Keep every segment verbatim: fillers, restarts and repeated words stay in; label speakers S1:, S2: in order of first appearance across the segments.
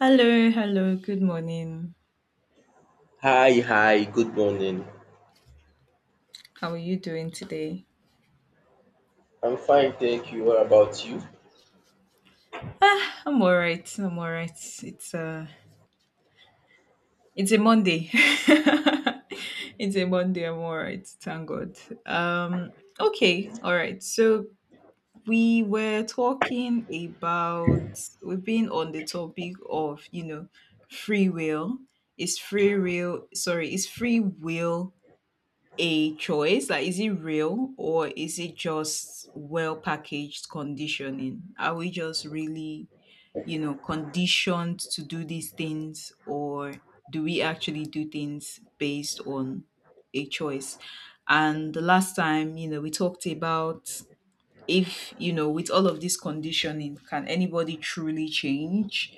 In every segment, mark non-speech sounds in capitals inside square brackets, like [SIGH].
S1: Hello, hello, good morning.
S2: Hi, hi, good morning.
S1: How are you doing today?
S2: I'm fine, thank you. What about you?
S1: Ah, I'm all right. I'm all right. It's uh it's a Monday. [LAUGHS] It's a Monday, I'm all right, thank God. Um okay, all right. So we were talking about we've been on the topic of, you know, free will. Is free will sorry, is free will a choice? Like, is it real or is it just well packaged conditioning? Are we just really, you know, conditioned to do these things or do we actually do things based on a choice? And the last time, you know, we talked about if you know with all of this conditioning can anybody truly change.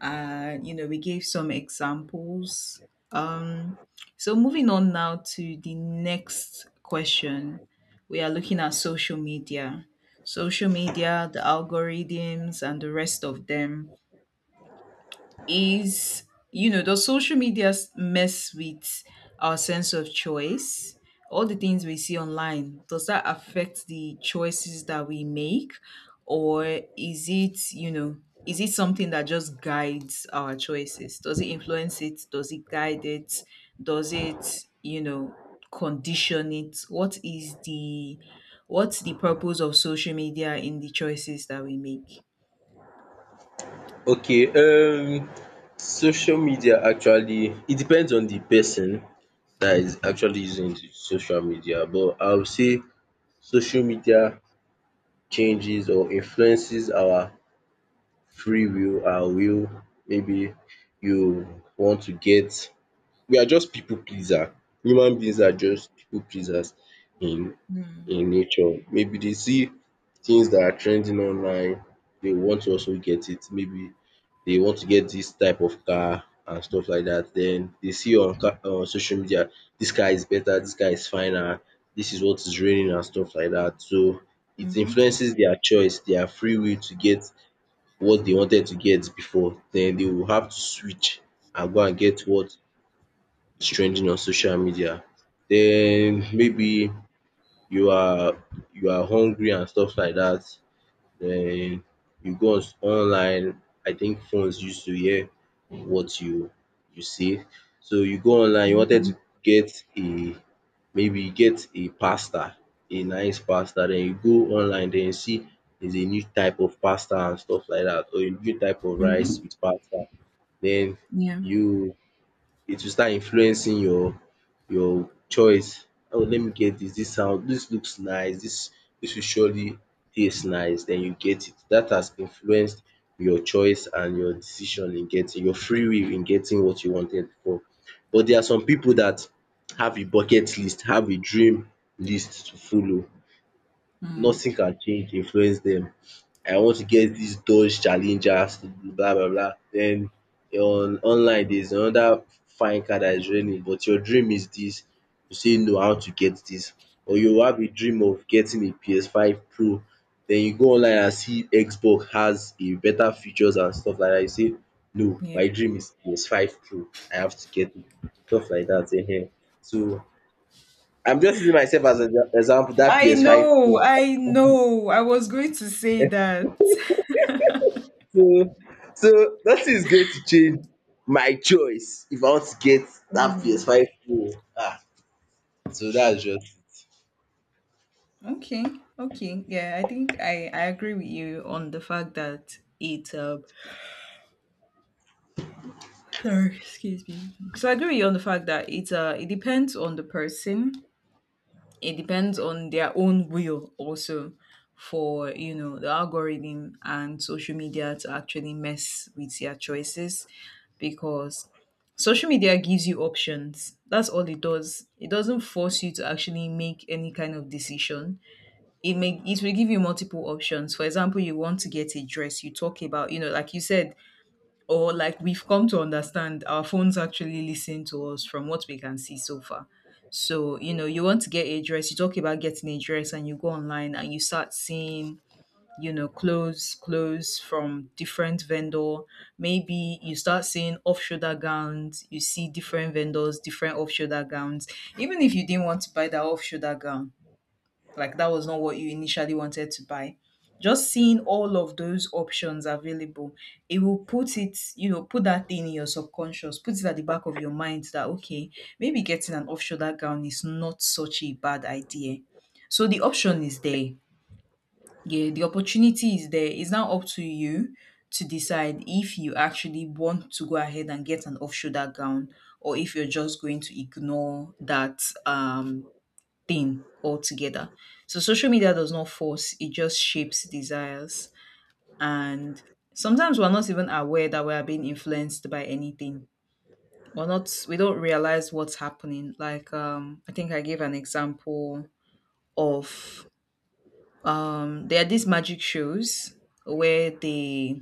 S1: Uh you know we gave some examples. Um so moving on now to the next question, we are looking at social media. Social media, the algorithms and the rest of them, is you know does social media s- mess with our sense of choice? All the things we see online, does that affect the choices that we make, or is it you know is it something that just guides our choices? Does it influence it? Does it guide it? Does it you know condition it? What is the what's the purpose of social media in the choices that we make?
S2: Okay, um, social media actually, it depends on the person that is actually using the social media, but I would say social media changes or influences our free will, our will. Maybe you want to get, we are just people pleaser. Human beings are just people pleasers in
S1: Mm-hmm.
S2: in nature. Maybe they see things that are trending online, they want to also get it. Maybe they want to get this type of car and stuff like that. Then they see on ca- on social media this car is better, this car is finer, this is what is reigning and stuff like that. So it influences their choice, their free will to get what they wanted to get before. Then they will have to switch and go and get what is trending on social media. Then maybe you are you are hungry and stuff like that. Then you go on s- online. I think phones used to hear what you you say. So you go online, you wanted
S1: Mm-hmm.
S2: to get a maybe get a pasta, a nice pasta. Then you go online, then you see there's a new type of pasta and stuff like that, or a new type of rice with pasta. Then
S1: Yeah.
S2: you it will start influencing your your choice. "Oh, let me get this. This sound, This looks nice, This this will surely taste nice." Then you get it. That has influenced your choice and your decision in getting, your free will in getting what you wanted before. But there are some people that have a bucket list, have a dream list to follow.
S1: Mm.
S2: Nothing can change, influence them. I want to get this Dodge Challenger, blah blah blah. Then on online there is another fine car that's is running, but your dream is this. You say no, I want to get this. Or you have a dream of getting a P S five Pro. Then you go online and see Xbox has a better features and stuff like that. You say no,
S1: Yeah.
S2: my dream is P S five Pro, I have to get it, stuff like dat um. So I'm just using myself as an example. That
S1: I
S2: P S five
S1: know.
S2: Pro.
S1: I know. I was going to say that.
S2: So so that is going to change my choice if I want to get that
S1: Hmm.
S2: P S five Pro. Ah, so that's just.
S1: Okay. Okay. Yeah. I think I, I agree with you on the fact that it. Uh, sorry. Excuse me. So I agree with you on the fact that it. Uh, it depends on the person. It depends on their own will also for you know the algorithm and social media to actually mess with their choices, because social media gives you options. That's all it does. It doesn't force you to actually make any kind of decision. It may it will give you multiple options. For example, you want to get a dress, you talk about you know like you said, or like we've come to understand, our phones actually listen to us from what we can see so far. So, you know, you want to get a dress, you talk about getting a dress and you go online and you start seeing, you know, clothes, clothes from different vendor. Maybe you start seeing off-shoulder gowns, you see different vendors, different off-shoulder gowns. Even if you didn't want to buy that off-shoulder gown, like that was not what you initially wanted to buy, just seeing all of those options available, it will put it you know put that thing in your subconscious, put it at the back of your mind that okay, maybe getting an off shoulder gown is not such a bad idea. So the option is there, yeah, the opportunity is there. It's now up to you to decide if you actually want to go ahead and get an off shoulder gown, or if you're just going to ignore that um thing altogether. So social media does not force, it just shapes desires. And sometimes we're not even aware that we are being influenced by anything. We're not we don't realize what's happening. Like um I think I gave an example of um there are these magic shows where they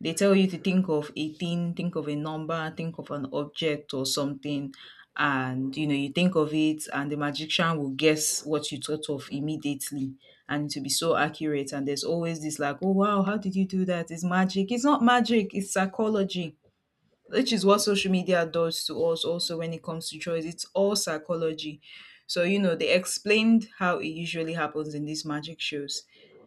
S1: they tell you to think of a thing, think of a number, think of an object or something. And you know, you think of it, and the magician will guess what you thought of immediately. And to be so accurate, and there's always this like, oh wow, how did you do that? It's magic. It's not magic, it's psychology, which is what social media does to us also when it comes to choice. It's all psychology. So, you know, they explained how it usually happens in these magic shows.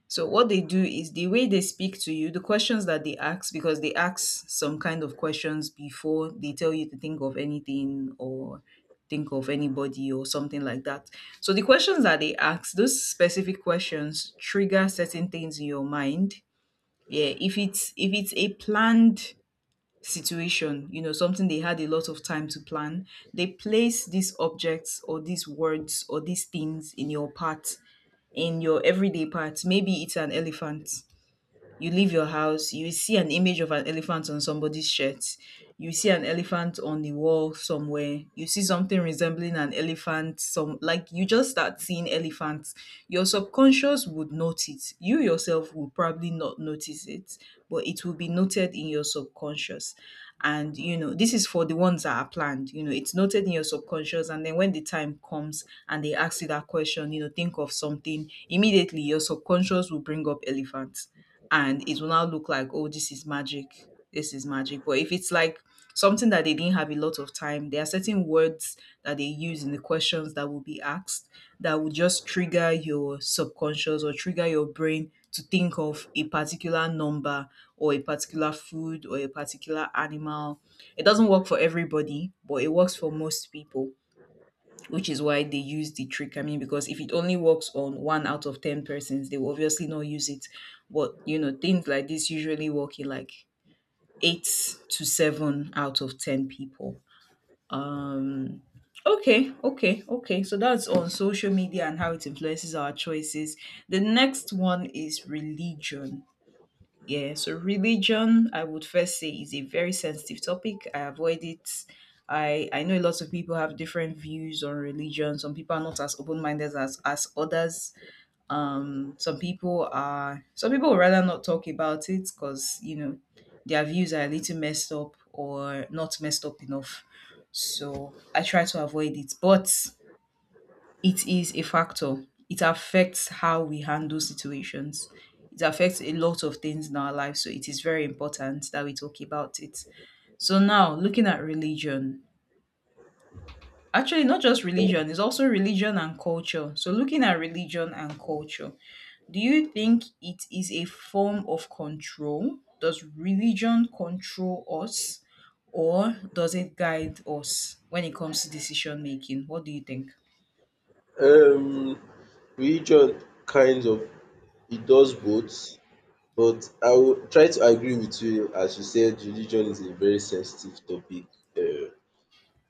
S1: So, what they do is the way they speak to you, the questions that they ask, because they ask some kind of questions before they tell you to think of anything or think of anybody or something like that. So, the questions that they ask, those specific questions trigger certain things in your mind, yeah. If it's if it's a planned situation, you know, something they had a lot of time to plan. They place these objects or these words or these things in your path, in your everyday path. Maybe it's an elephant. You leave your house, you see an image of an elephant on somebody's shirt. You see an elephant on the wall somewhere. You see something resembling an elephant. Some like you just start seeing elephants. Your subconscious would notice. You yourself will probably not notice it, but it will be noted in your subconscious. And you know, this is for the ones that are planned. You know, it's noted in your subconscious, and then when the time comes and they ask you that question, you know, think of something immediately. Your subconscious will bring up elephants and it will now look like, oh, this is magic. This is magic. But if it's like something that they didn't have a lot of time, there are certain words that they use in the questions that will be asked that will just trigger your subconscious or trigger your brain to think of a particular number or a particular food or a particular animal. It doesn't work for everybody, but it works for most people, which is why they use the trick. I mean, because if it only works on one out of ten persons, they will obviously not use it. But, you know, things like this usually work in like eight to seven out of ten people. Um, okay, okay, okay. So that's on social media and how it influences our choices. The next one is religion. Yeah, so religion, I would first say, is a very sensitive topic. I avoid it. I, I know lots of people have different views on religion. Some people are not as open minded as, as others. Um, some people are some people would rather not talk about it because you know their views are a little messed up or not messed up enough. So I try to avoid it. But it is a factor. It affects how we handle situations. It affects a lot of things in our life, so it is very important that we talk about it. So now, looking at religion, actually not just religion, it's also religion and culture. So looking at religion and culture, do you think it is a form of control? Does religion control us or does it guide us when it comes to decision making? What do you think?
S2: Um, Religion kind of it does both, but I will try to agree with you as you said religion is a very sensitive topic. um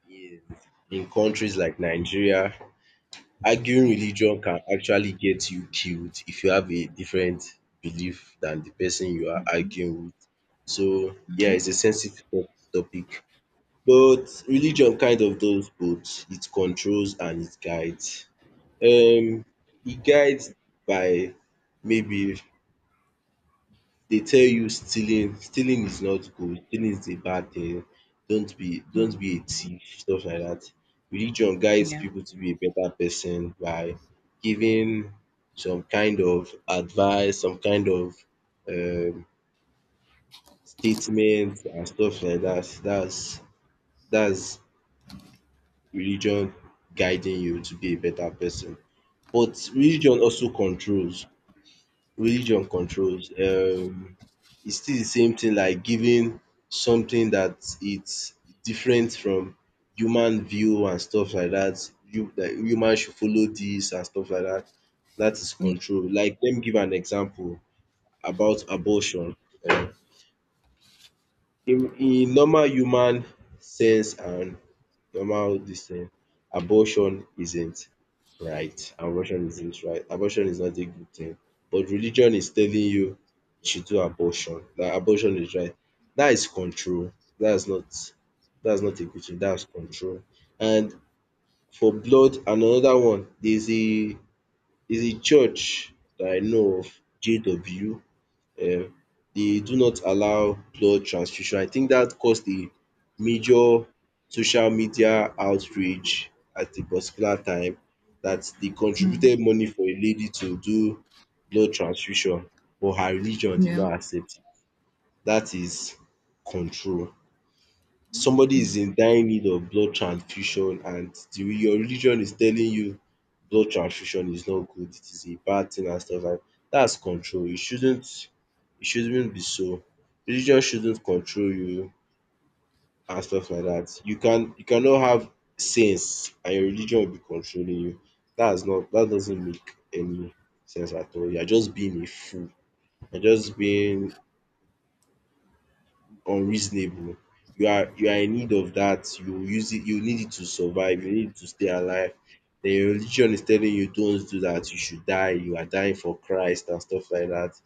S2: Yes. In countries like Nigeria, arguing
S1: Yeah.
S2: religion can actually get you killed if you have a different belief than the person you are arguing with. So yeah, it's a sensitive to- topic. But religion kind of does both. It controls and it guides. Um, it guides by maybe they tell you stealing stealing is not good, stealing is a bad thing, don't be
S1: Hmm.
S2: don't be a thief, stuff like that. Religion guides
S1: Yeah.
S2: people to be a better person by giving some kind of advice, some kind of um statement and stuff like that. That's that's religion guiding you to be a better person. But religion also controls. Religion controls, um is still the same thing like giving something that it's different from human view and stuff like that. You that human should follow this and stuff like that. That is control. Like let me give an example about abortion. um In in normal human sense and normal this thing. Abortion isn't right. Abortion isn't right. Abortion is not a good thing. But religion is telling you you should do abortion. That abortion is right. That is control. That's not that's not a good thing. That's control. And for blood and another one, there's a there's a church that I know of, J W. um they do not allow blood transfusion. I think that caused a major social media outrage at a particular time that they
S1: Mm,
S2: contributed money for a lady to do blood transfusion, but her religion did
S1: yeah.
S2: not accept it. That is control. Somebody is in dire need of blood transfusion and the, re- your religion is telling you blood transfusion is not good, it is a bad thing and stuff like that. That's control. It shouldn't it shouldn't be so. Religion shouldn't control you and stuff like that. You can you cannot have sense and your religion will be controlling you. That's not that doesn't make any sense at all. You're just being a fool. You're just being unreasonable. You are you are in need of that. You use it, you need it to survive, you need it to stay alive. Then your religion is telling you don't do that, you should die, you are dying for Christ and stuff like that.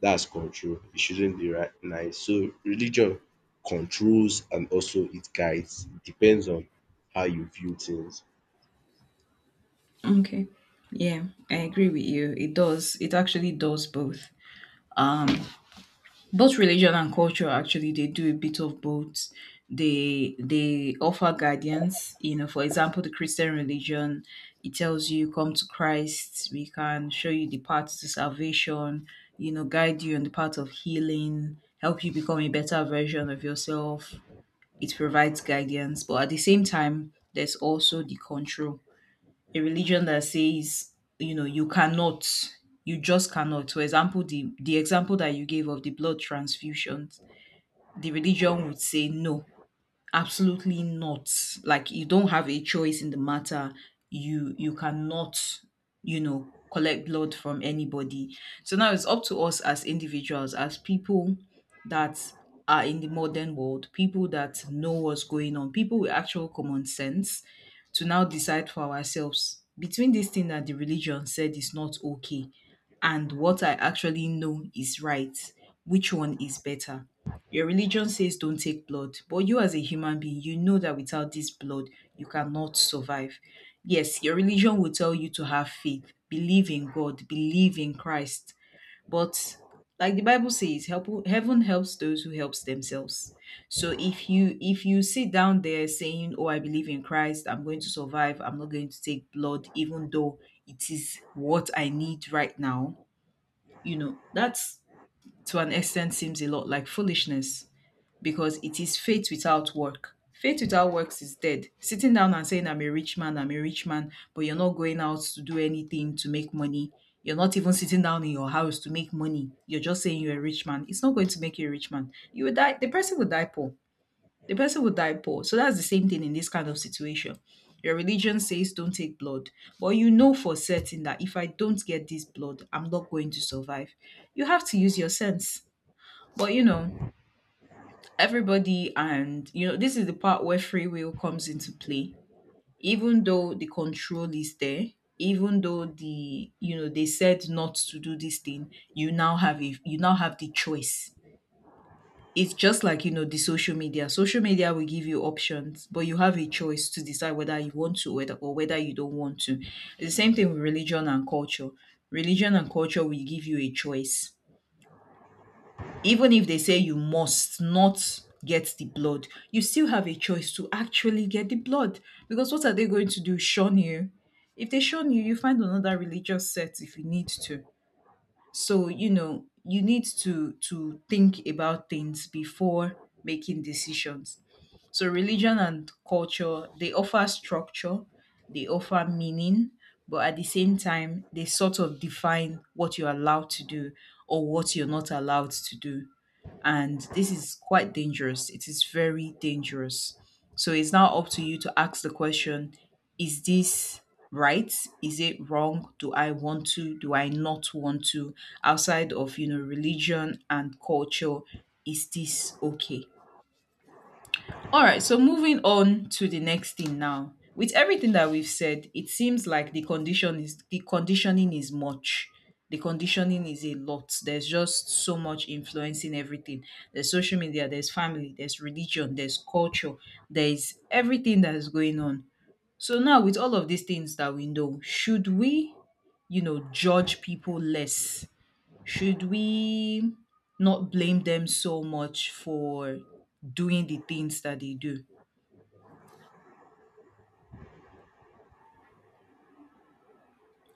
S2: That's control. It shouldn't be right nice. So religion controls and also it guides. It depends on how you view things.
S1: Okay. Yeah, I agree with you. It does. It actually does both. Um, Both religion and culture actually they do a bit of both. They they offer guidance. You know, for example, the Christian religion, it tells you come to Christ. We can show you the path to salvation. You know, guide you on the path of healing, help you become a better version of yourself. It provides guidance, but at the same time, there's also the control. A religion that says you know you cannot you just cannot, for example, the the example that you gave of the blood transfusions, the religion would say no, absolutely not. Like you don't have a choice in the matter. You you cannot, you know, collect blood from anybody. So now it's up to us as individuals, as people that are in the modern world, people that know what's going on, people with actual common sense, to now decide for ourselves between this thing that the religion said is not okay and what I actually know is right, which one is better. Your religion says don't take blood, but you as a human being, you know that without this blood, you cannot survive. Yes, your religion will tell you to have faith, believe in God, believe in Christ. But like the Bible says, help, heaven helps those who helps themselves. So if you if you sit down there saying, "Oh, I believe in Christ, I'm going to survive. I'm not going to take blood even though it is what I need right now." You know, that's to an extent seems a lot like foolishness because it is faith without work. Faith without works is dead. Sitting down and saying, I'm a rich man, I'm a rich man, but you're not going out to do anything to make money. You're not even sitting down in your house to make money. You're just saying you're a rich man. It's not going to make you a rich man. You will die. The person will die poor. The person will die poor. So that's the same thing in this kind of situation. Your religion says don't take blood, but you know for certain that if I don't get this blood, I'm not going to survive. You have to use your sense. But you know, everybody, and you know this is the part where free will comes into play, even though the control is there, even though the you know they said not to do this thing, you now have a, you now have the choice. It's just like, you know the social media social media will give you options, but you have a choice to decide whether you want to, whether, or whether you don't want to. It's the same thing with religion and culture. Religion and culture will give you a choice. Even if they say you must not get the blood, you still have a choice to actually get the blood. Because what are they going to do? Shun you? If they shun you, you find another religious sect if you need to. So you know you need to to think about things before making decisions. So religion and culture, they offer structure, they offer meaning, but at the same time they sort of define what you're allowed to do or what you're not allowed to do. And this is quite dangerous. It is very dangerous. So it's now up to you to ask the question: is this right? Is it wrong? Do I want to? Do I not want to? Outside of, you know, religion and culture, is this okay? All right, so moving on to the next thing now. With everything that we've said, it seems like the condition is the conditioning is much. The conditioning is a lot. There's just so much influencing everything. There's social media, there's family, there's religion, there's culture, there's everything that is going on. So now with all of these things that we know, should we, you know, judge people less? Should we not blame them so much for doing the things that they do?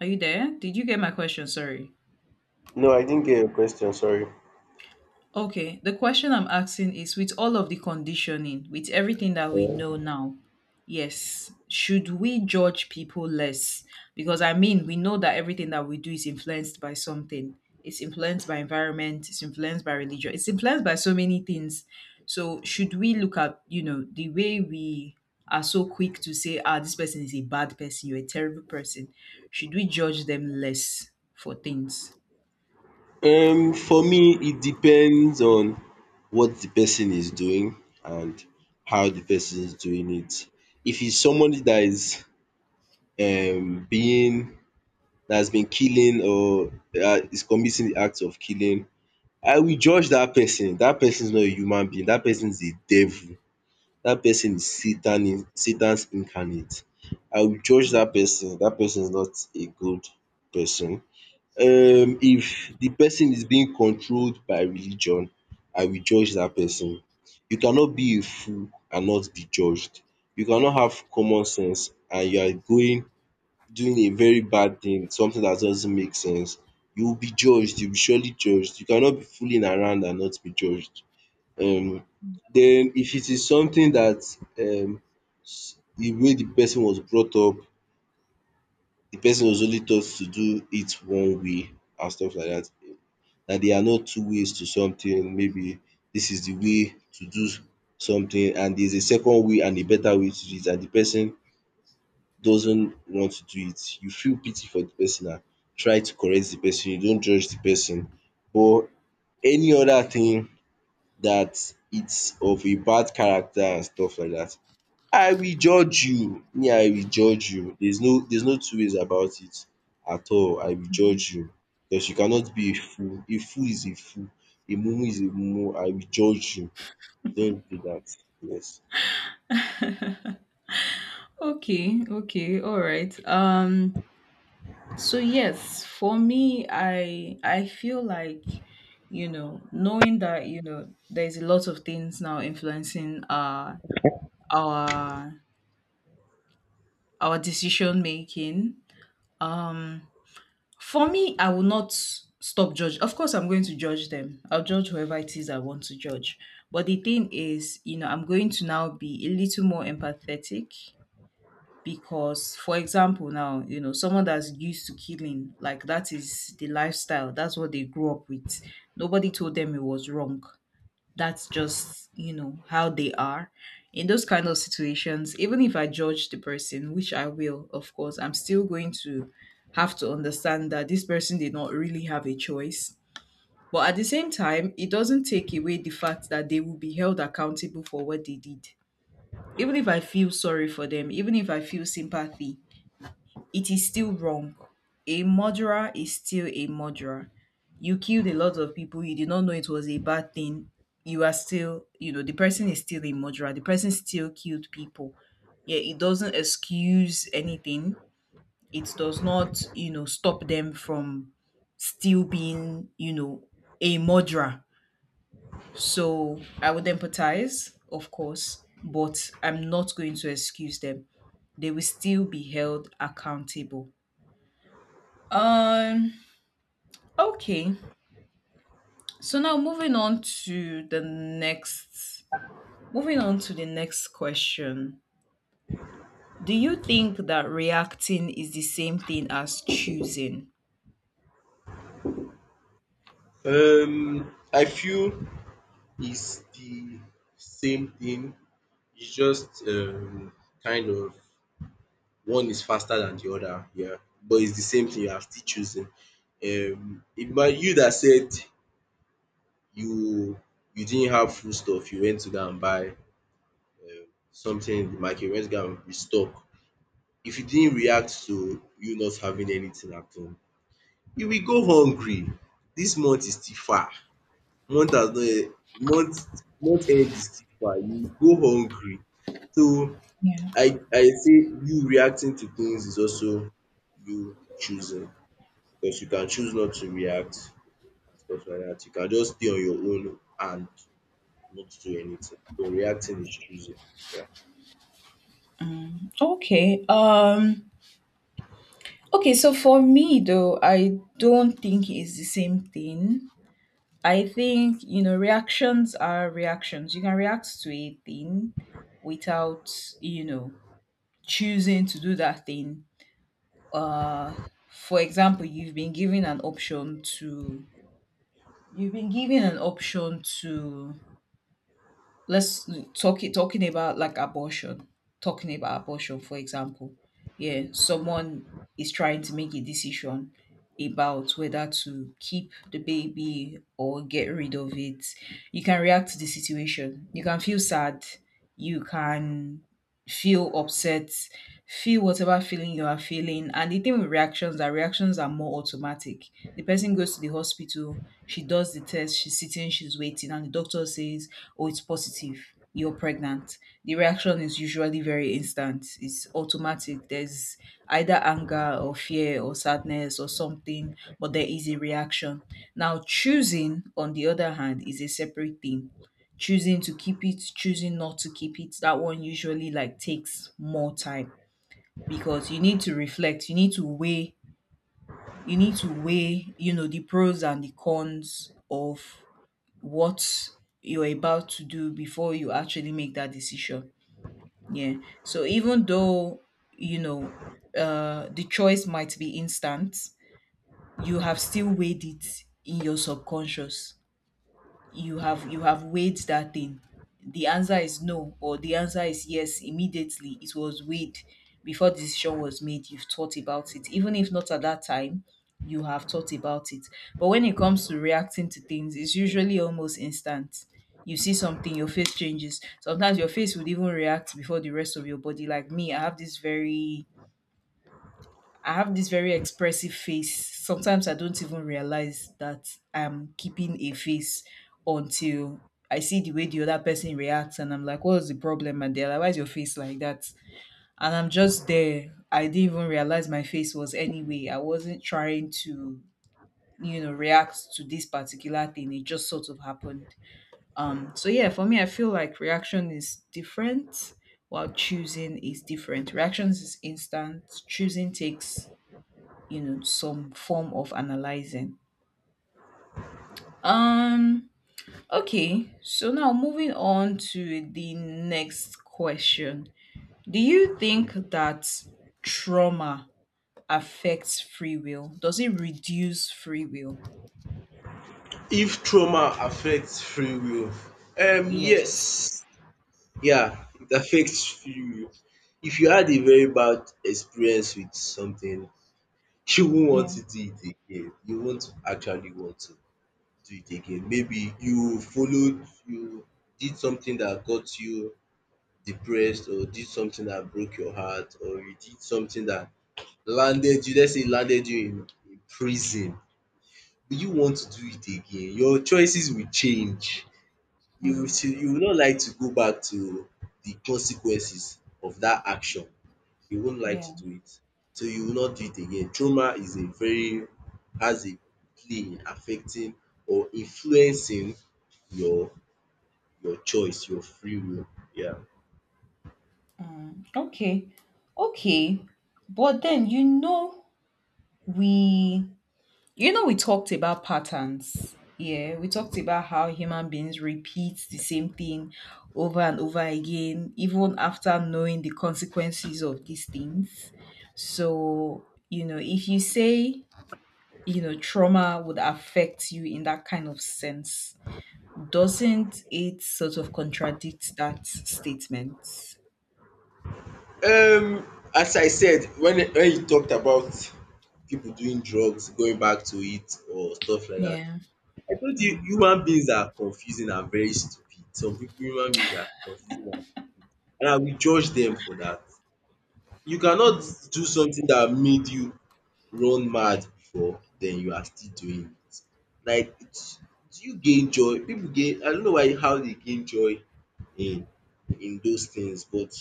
S1: Are you there? Did you get my question? Sorry.
S2: No, I didn't get your question. Sorry.
S1: Okay, the question I'm asking is, with all of the conditioning, with everything that we
S2: Yeah.
S1: know now, yes, should we judge people less? Because I mean, we know that everything that we do is influenced by something. It's influenced by environment, it's influenced by religion, it's influenced by so many things. So, should we look at, you know, the way we are so quick to say, ah, this person is a bad person, you're a terrible person? Should we judge them less for things?
S2: um For me, it depends on what the person is doing and how the person is doing it. If it's somebody that is um being that has been killing or uh, is committing the act of killing, I will judge that person. That person is not a human being. That person is a devil. That person is Satan, in- Satan's incarnate. I will judge that person. That person is not a good person. Um if the person is being controlled by religion, I will judge that person. You cannot be a fool and not be judged. You cannot have common sense and you are going doing a very bad thing, something that doesn't make sense. You will be judged, you will be surely judged. You cannot be fooling around and not be judged. um then if it is something that, um s- the way the person was brought up, the person was only taught to do it one way and stuff like that. That there are no two ways to something. Maybe this is the way to do something and there's a second way and a better way to do it and the person doesn't want to do it. You feel pity for the person and try to correct the person. You don't judge the person. But any other thing that it's of a bad character and stuff like that, I will judge you, me I will judge you, there's no there's no two ways about it at all, I will judge you, because you cannot be a fool, a fool is a fool, a mumu is a mumu, I will judge you, you don't do that, yes.
S1: Okay, okay, all right. Um So yes, for me, I I feel like you know knowing that you know there's a lot of things now influencing uh our our decision making. Um, for me, I will not stop judge. Of course, I'm going to judge them. I'll judge whoever it is I want to judge. But the thing is, you know, I'm going to now be a little more empathetic, because for example now, you know someone that's used to killing, like, that is the lifestyle, that's what they grew up with. Nobody told them it was wrong. That's just you know how they are. In those kind of situations, even if I judge the person, which I will, of course I'm still going to have to understand that this person did not really have a choice. But at the same time, it doesn't take away the fact that they will be held accountable for what they did. Even if I feel sorry for them, even if I feel sympathy, it is still wrong. A murderer is still a murderer. You killed a lot of people, you did not know it was a bad thing. You are still, you know, the person is still a murderer. The person still killed people. Yeah, it doesn't excuse anything. It does not, you know, stop them from still being, you know, a murderer. So I would empathize, of course, but I'm not going to excuse them. They will still be held accountable. Um, okay. So now moving on to the next moving on to the next question. Do you think that reacting is the same thing as choosing?
S2: Um I feel it's the same thing, it's just um kind of one is faster than the other, yeah, but it's the same thing, you are still choosing. Um it might you that said you you didn't have food stuff. You went to go and buy something in the market, you went to go and restock. If you didn't react to you not having anything at home, you will go hungry. This month is still far, month has not e month month end is still far, you will go hungry. So
S1: Yeah.
S2: I I say you reacting to things is also you choosing because you can choose not to react and stuff like dat. You can just stay on your own and not do anything. But reacting is choosing. Yeah.
S1: Okay. Um okay, so for me though, I don't think it's the same thing. I think, you know, reactions are reactions. You can react to a thing without, you know, choosing to do that thing. Uh, for example, you've been given an option to, you've been given an option to, let's talking talking about like abortion talking about abortion, for example. Yeah, someone is trying to make a decision about whether to keep the baby or get rid of it. You can react to the situation, you can feel sad, you can feel upset, feel whatever feeling you are feeling. And the thing with reactions, that reactions are more automatic. The person goes to the hospital, she does the test, she's sitting, she's waiting, and the doctor says, oh, it's positive, you're pregnant. The reaction is usually very instant. It's automatic. There's either anger or fear or sadness or something, but there is a reaction. Now, choosing, on the other hand, is a separate thing. Choosing to keep it, choosing not to keep it, that one usually like takes more time, because you need to reflect, you need to weigh, you need to weigh, you know, the pros and the cons of what you're about to do before you actually make that decision. Yeah. So even though, you know, uh, the choice might be instant, you have still weighed it in your subconscious. You have you have weighed that thing. The answer is no or the answer is yes. Immediately it was weighed, before the decision was made, you've thought about it. Even if not at that time, you have thought about it. But when it comes to reacting to things, it's usually almost instant. You see something, your face changes, sometimes your face would even react before the rest of your body. Like me, i have this very I have this very expressive face. Sometimes I don't even realize that I'm keeping a face until I see the way the other person reacts and I'm like, what's the problem? And they're like, why's your face like that? And I'm just there. I didn't even realize my face was anyway. I wasn't trying to, you know, react to this particular thing. It just sort of happened. Um, so yeah, for me, I feel like reaction is different while choosing is different. Reactions is instant, choosing takes you know some form of analyzing. um okay, so now moving on to the next question. Do you think that trauma affects free will? Does it reduce free will?
S2: If trauma affects free will, um
S1: Yes.
S2: yes, yeah, it affects free will. If you had a very bad experience with something, you won't want
S1: Yeah.
S2: to do it again. You won't actually want to do it again. Maybe you followed, you did something that got you depressed or did something that broke your heart or you did something that landed you, let's say landed you in in prison, will you want to do it again? Your choices will change. You will
S1: Mm,
S2: still, you will not like to go back to the consequences of that action. You won't like
S1: yeah.
S2: to do it. So you will not do it again. Trauma is a very has a play in affecting or influencing your your choice, your free will. Yeah.
S1: Mm. Okay. Okay. but then you know we You know, we talked about patterns. Yeah, we talked about how human beings repeat the same thing over and over again, even after knowing the consequences of these things. So, you know, if you say, you know, trauma would affect you in that kind of sense, doesn't it sort of contradict that statement?
S2: Um as I said when when you talked about people doing drugs, going back to it or stuff like that.
S1: Yeah.
S2: I told you
S1: Mm,
S2: human beings are confusing and very stupid. Some people human beings are confusing and and I will judge them for that. You cannot
S1: mm,
S2: do something that made you run mad before, then you are still doing it. Like it's do you gain joy? People gain I don't know why how they gain joy in in those things, but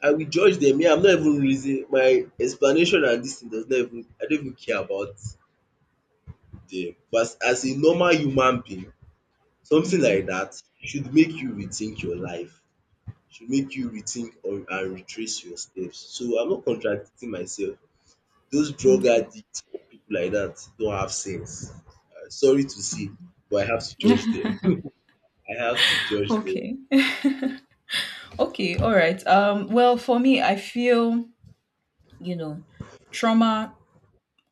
S2: I will judge them. Yeah, I'm not even reason my explanation and this thing does not even I don't even care about them. But as a normal human being, something
S1: mm.
S2: like that should make you rethink your life, should make you rethink or and retrace your steps. So I'm not contradicting myself. Those drug
S1: Okay.
S2: addicts, people like that don't have sense. Uh, sorry to say, but I have to judge them. [LAUGHS] I have to
S1: [LAUGHS]
S2: judge them.
S1: Okay. [LAUGHS] Okay, all right. Um, well, for me, I feel, you know, trauma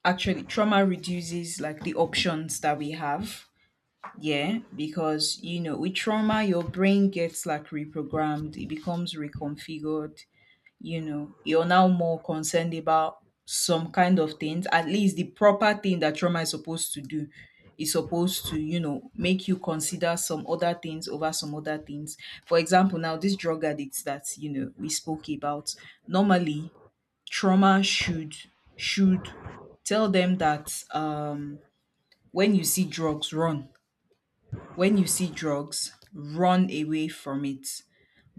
S1: actually trauma reduces like the options that we have. Yeah, because you know, with trauma, your brain gets like reprogrammed, it becomes reconfigured, you know you're now more concerned about some kind of things. At least the proper thing that trauma is supposed to do is supposed to, you know make you consider some other things over some other things. For example now, this drug addicts that you know we spoke about, normally, trauma should should tell them that, um when you see drugs run when you see drugs, run away from it.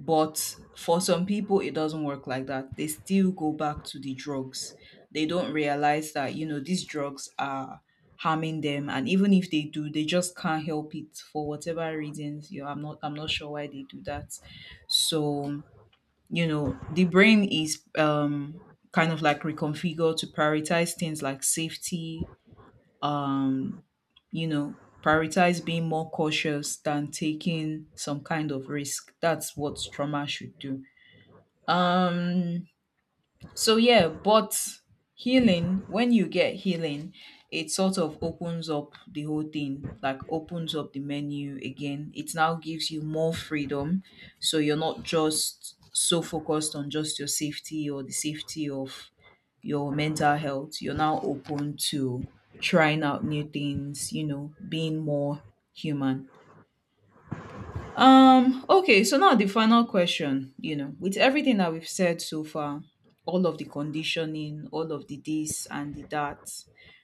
S1: But for some people, it doesn't work like that. They still go back to the drugs. They don't realize that, you know, these drugs are harming them. And even if they do, they just can't help it for whatever reasons. You know, I'm not I'm not sure why they do that. So, you know, the brain is, um kind of like reconfigured to prioritize things like safety, um, you know, prioritize being more cautious than taking some kind of risk. That's what trauma should do. Um so yeah, but healing, when you get healing, it sort of opens up the whole thing, like opens up the menu again. It now gives you more freedom. So you're not just so focused on just your safety or the safety of your mental health. You're now open to trying out new things, you know, being more human. Um, okay, so now the final question. You know, with everything that we've said so far, all of the conditioning, all of the this and the that,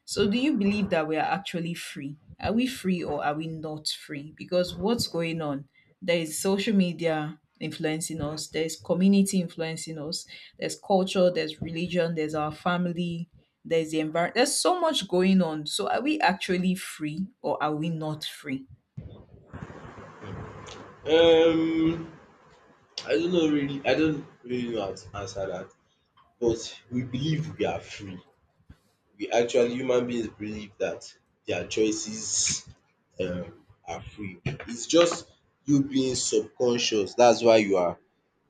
S1: so do you believe that we are actually free? Are we free or are we not free? Because what's going on? There is social media influencing us, there's community influencing us, there's culture, there's religion, there's our family, there's the environment. There's so much going on. So are we actually free or are we not free?
S2: Um, I don't know really. I don't really know how to answer that. But we believe we are free. We actually human beings believe that their choices um are free. It's just you being subconscious. That's why you are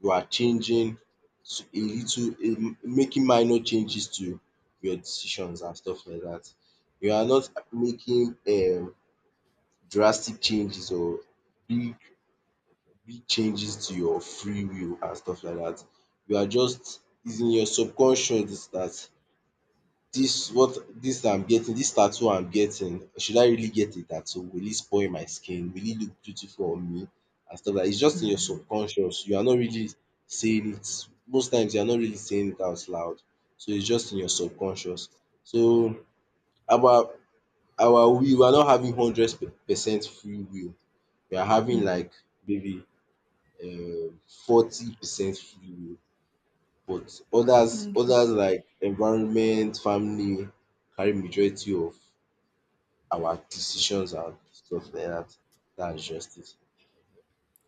S2: you are changing s- a little, a making minor changes to your decisions and stuff like that. You are not making um drastic changes or big big changes to your free will and stuff like that. You are just, it's in your subconscious that this what this I'm getting, this tattoo I'm getting, should I really get a tattoo? Will it spoil my skin? Will it look beautiful on me? And stuff like it's just in your
S1: Mm,
S2: subconscious. You are not really saying it. Most times you are not really saying it out loud. So it's just in your subconscious. So our our will, we are not having hundred percent free will. We are having
S1: mm.
S2: like maybe um, forty percent free will. But others
S1: Okay.
S2: others like environment, family carry majority of our decisions and stuff like that. That's just it.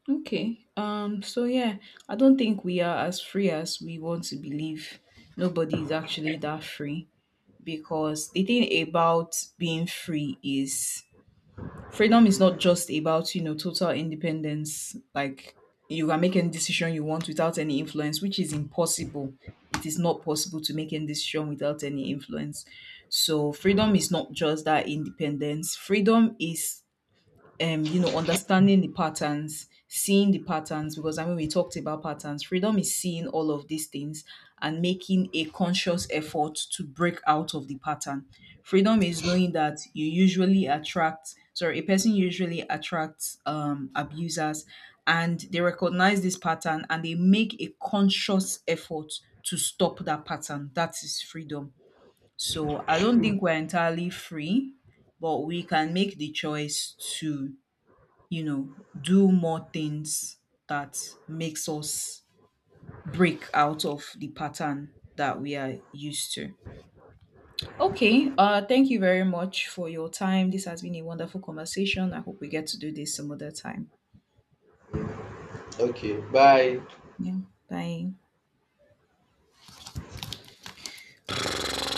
S1: Okay. Um, so yeah, I don't think we are as free as we want to believe. Nobody is actually that free, because the thing about being free is, freedom is not just about, you know, total independence. Like, you can make any decision you want without any influence, which is impossible. It is not possible to make any decision without any influence. So freedom is not just that independence. Freedom is, um, you know, understanding the patterns, seeing the patterns, because I mean, we talked about patterns. Freedom is seeing all of these things and making a conscious effort to break out of the pattern. Freedom is knowing that you usually attract, sorry, a person usually attracts, um, abusers, and they recognize this pattern and they make a conscious effort to stop that pattern. That is freedom. So I don't think we're entirely free, but we can make the choice to, you know, do more things that makes us break out of the pattern that we are used to. Okay, uh, thank you very much for your time. This has been a wonderful conversation. I hope we get to do this some other time.
S2: Okay, bye.
S1: Yeah, bye.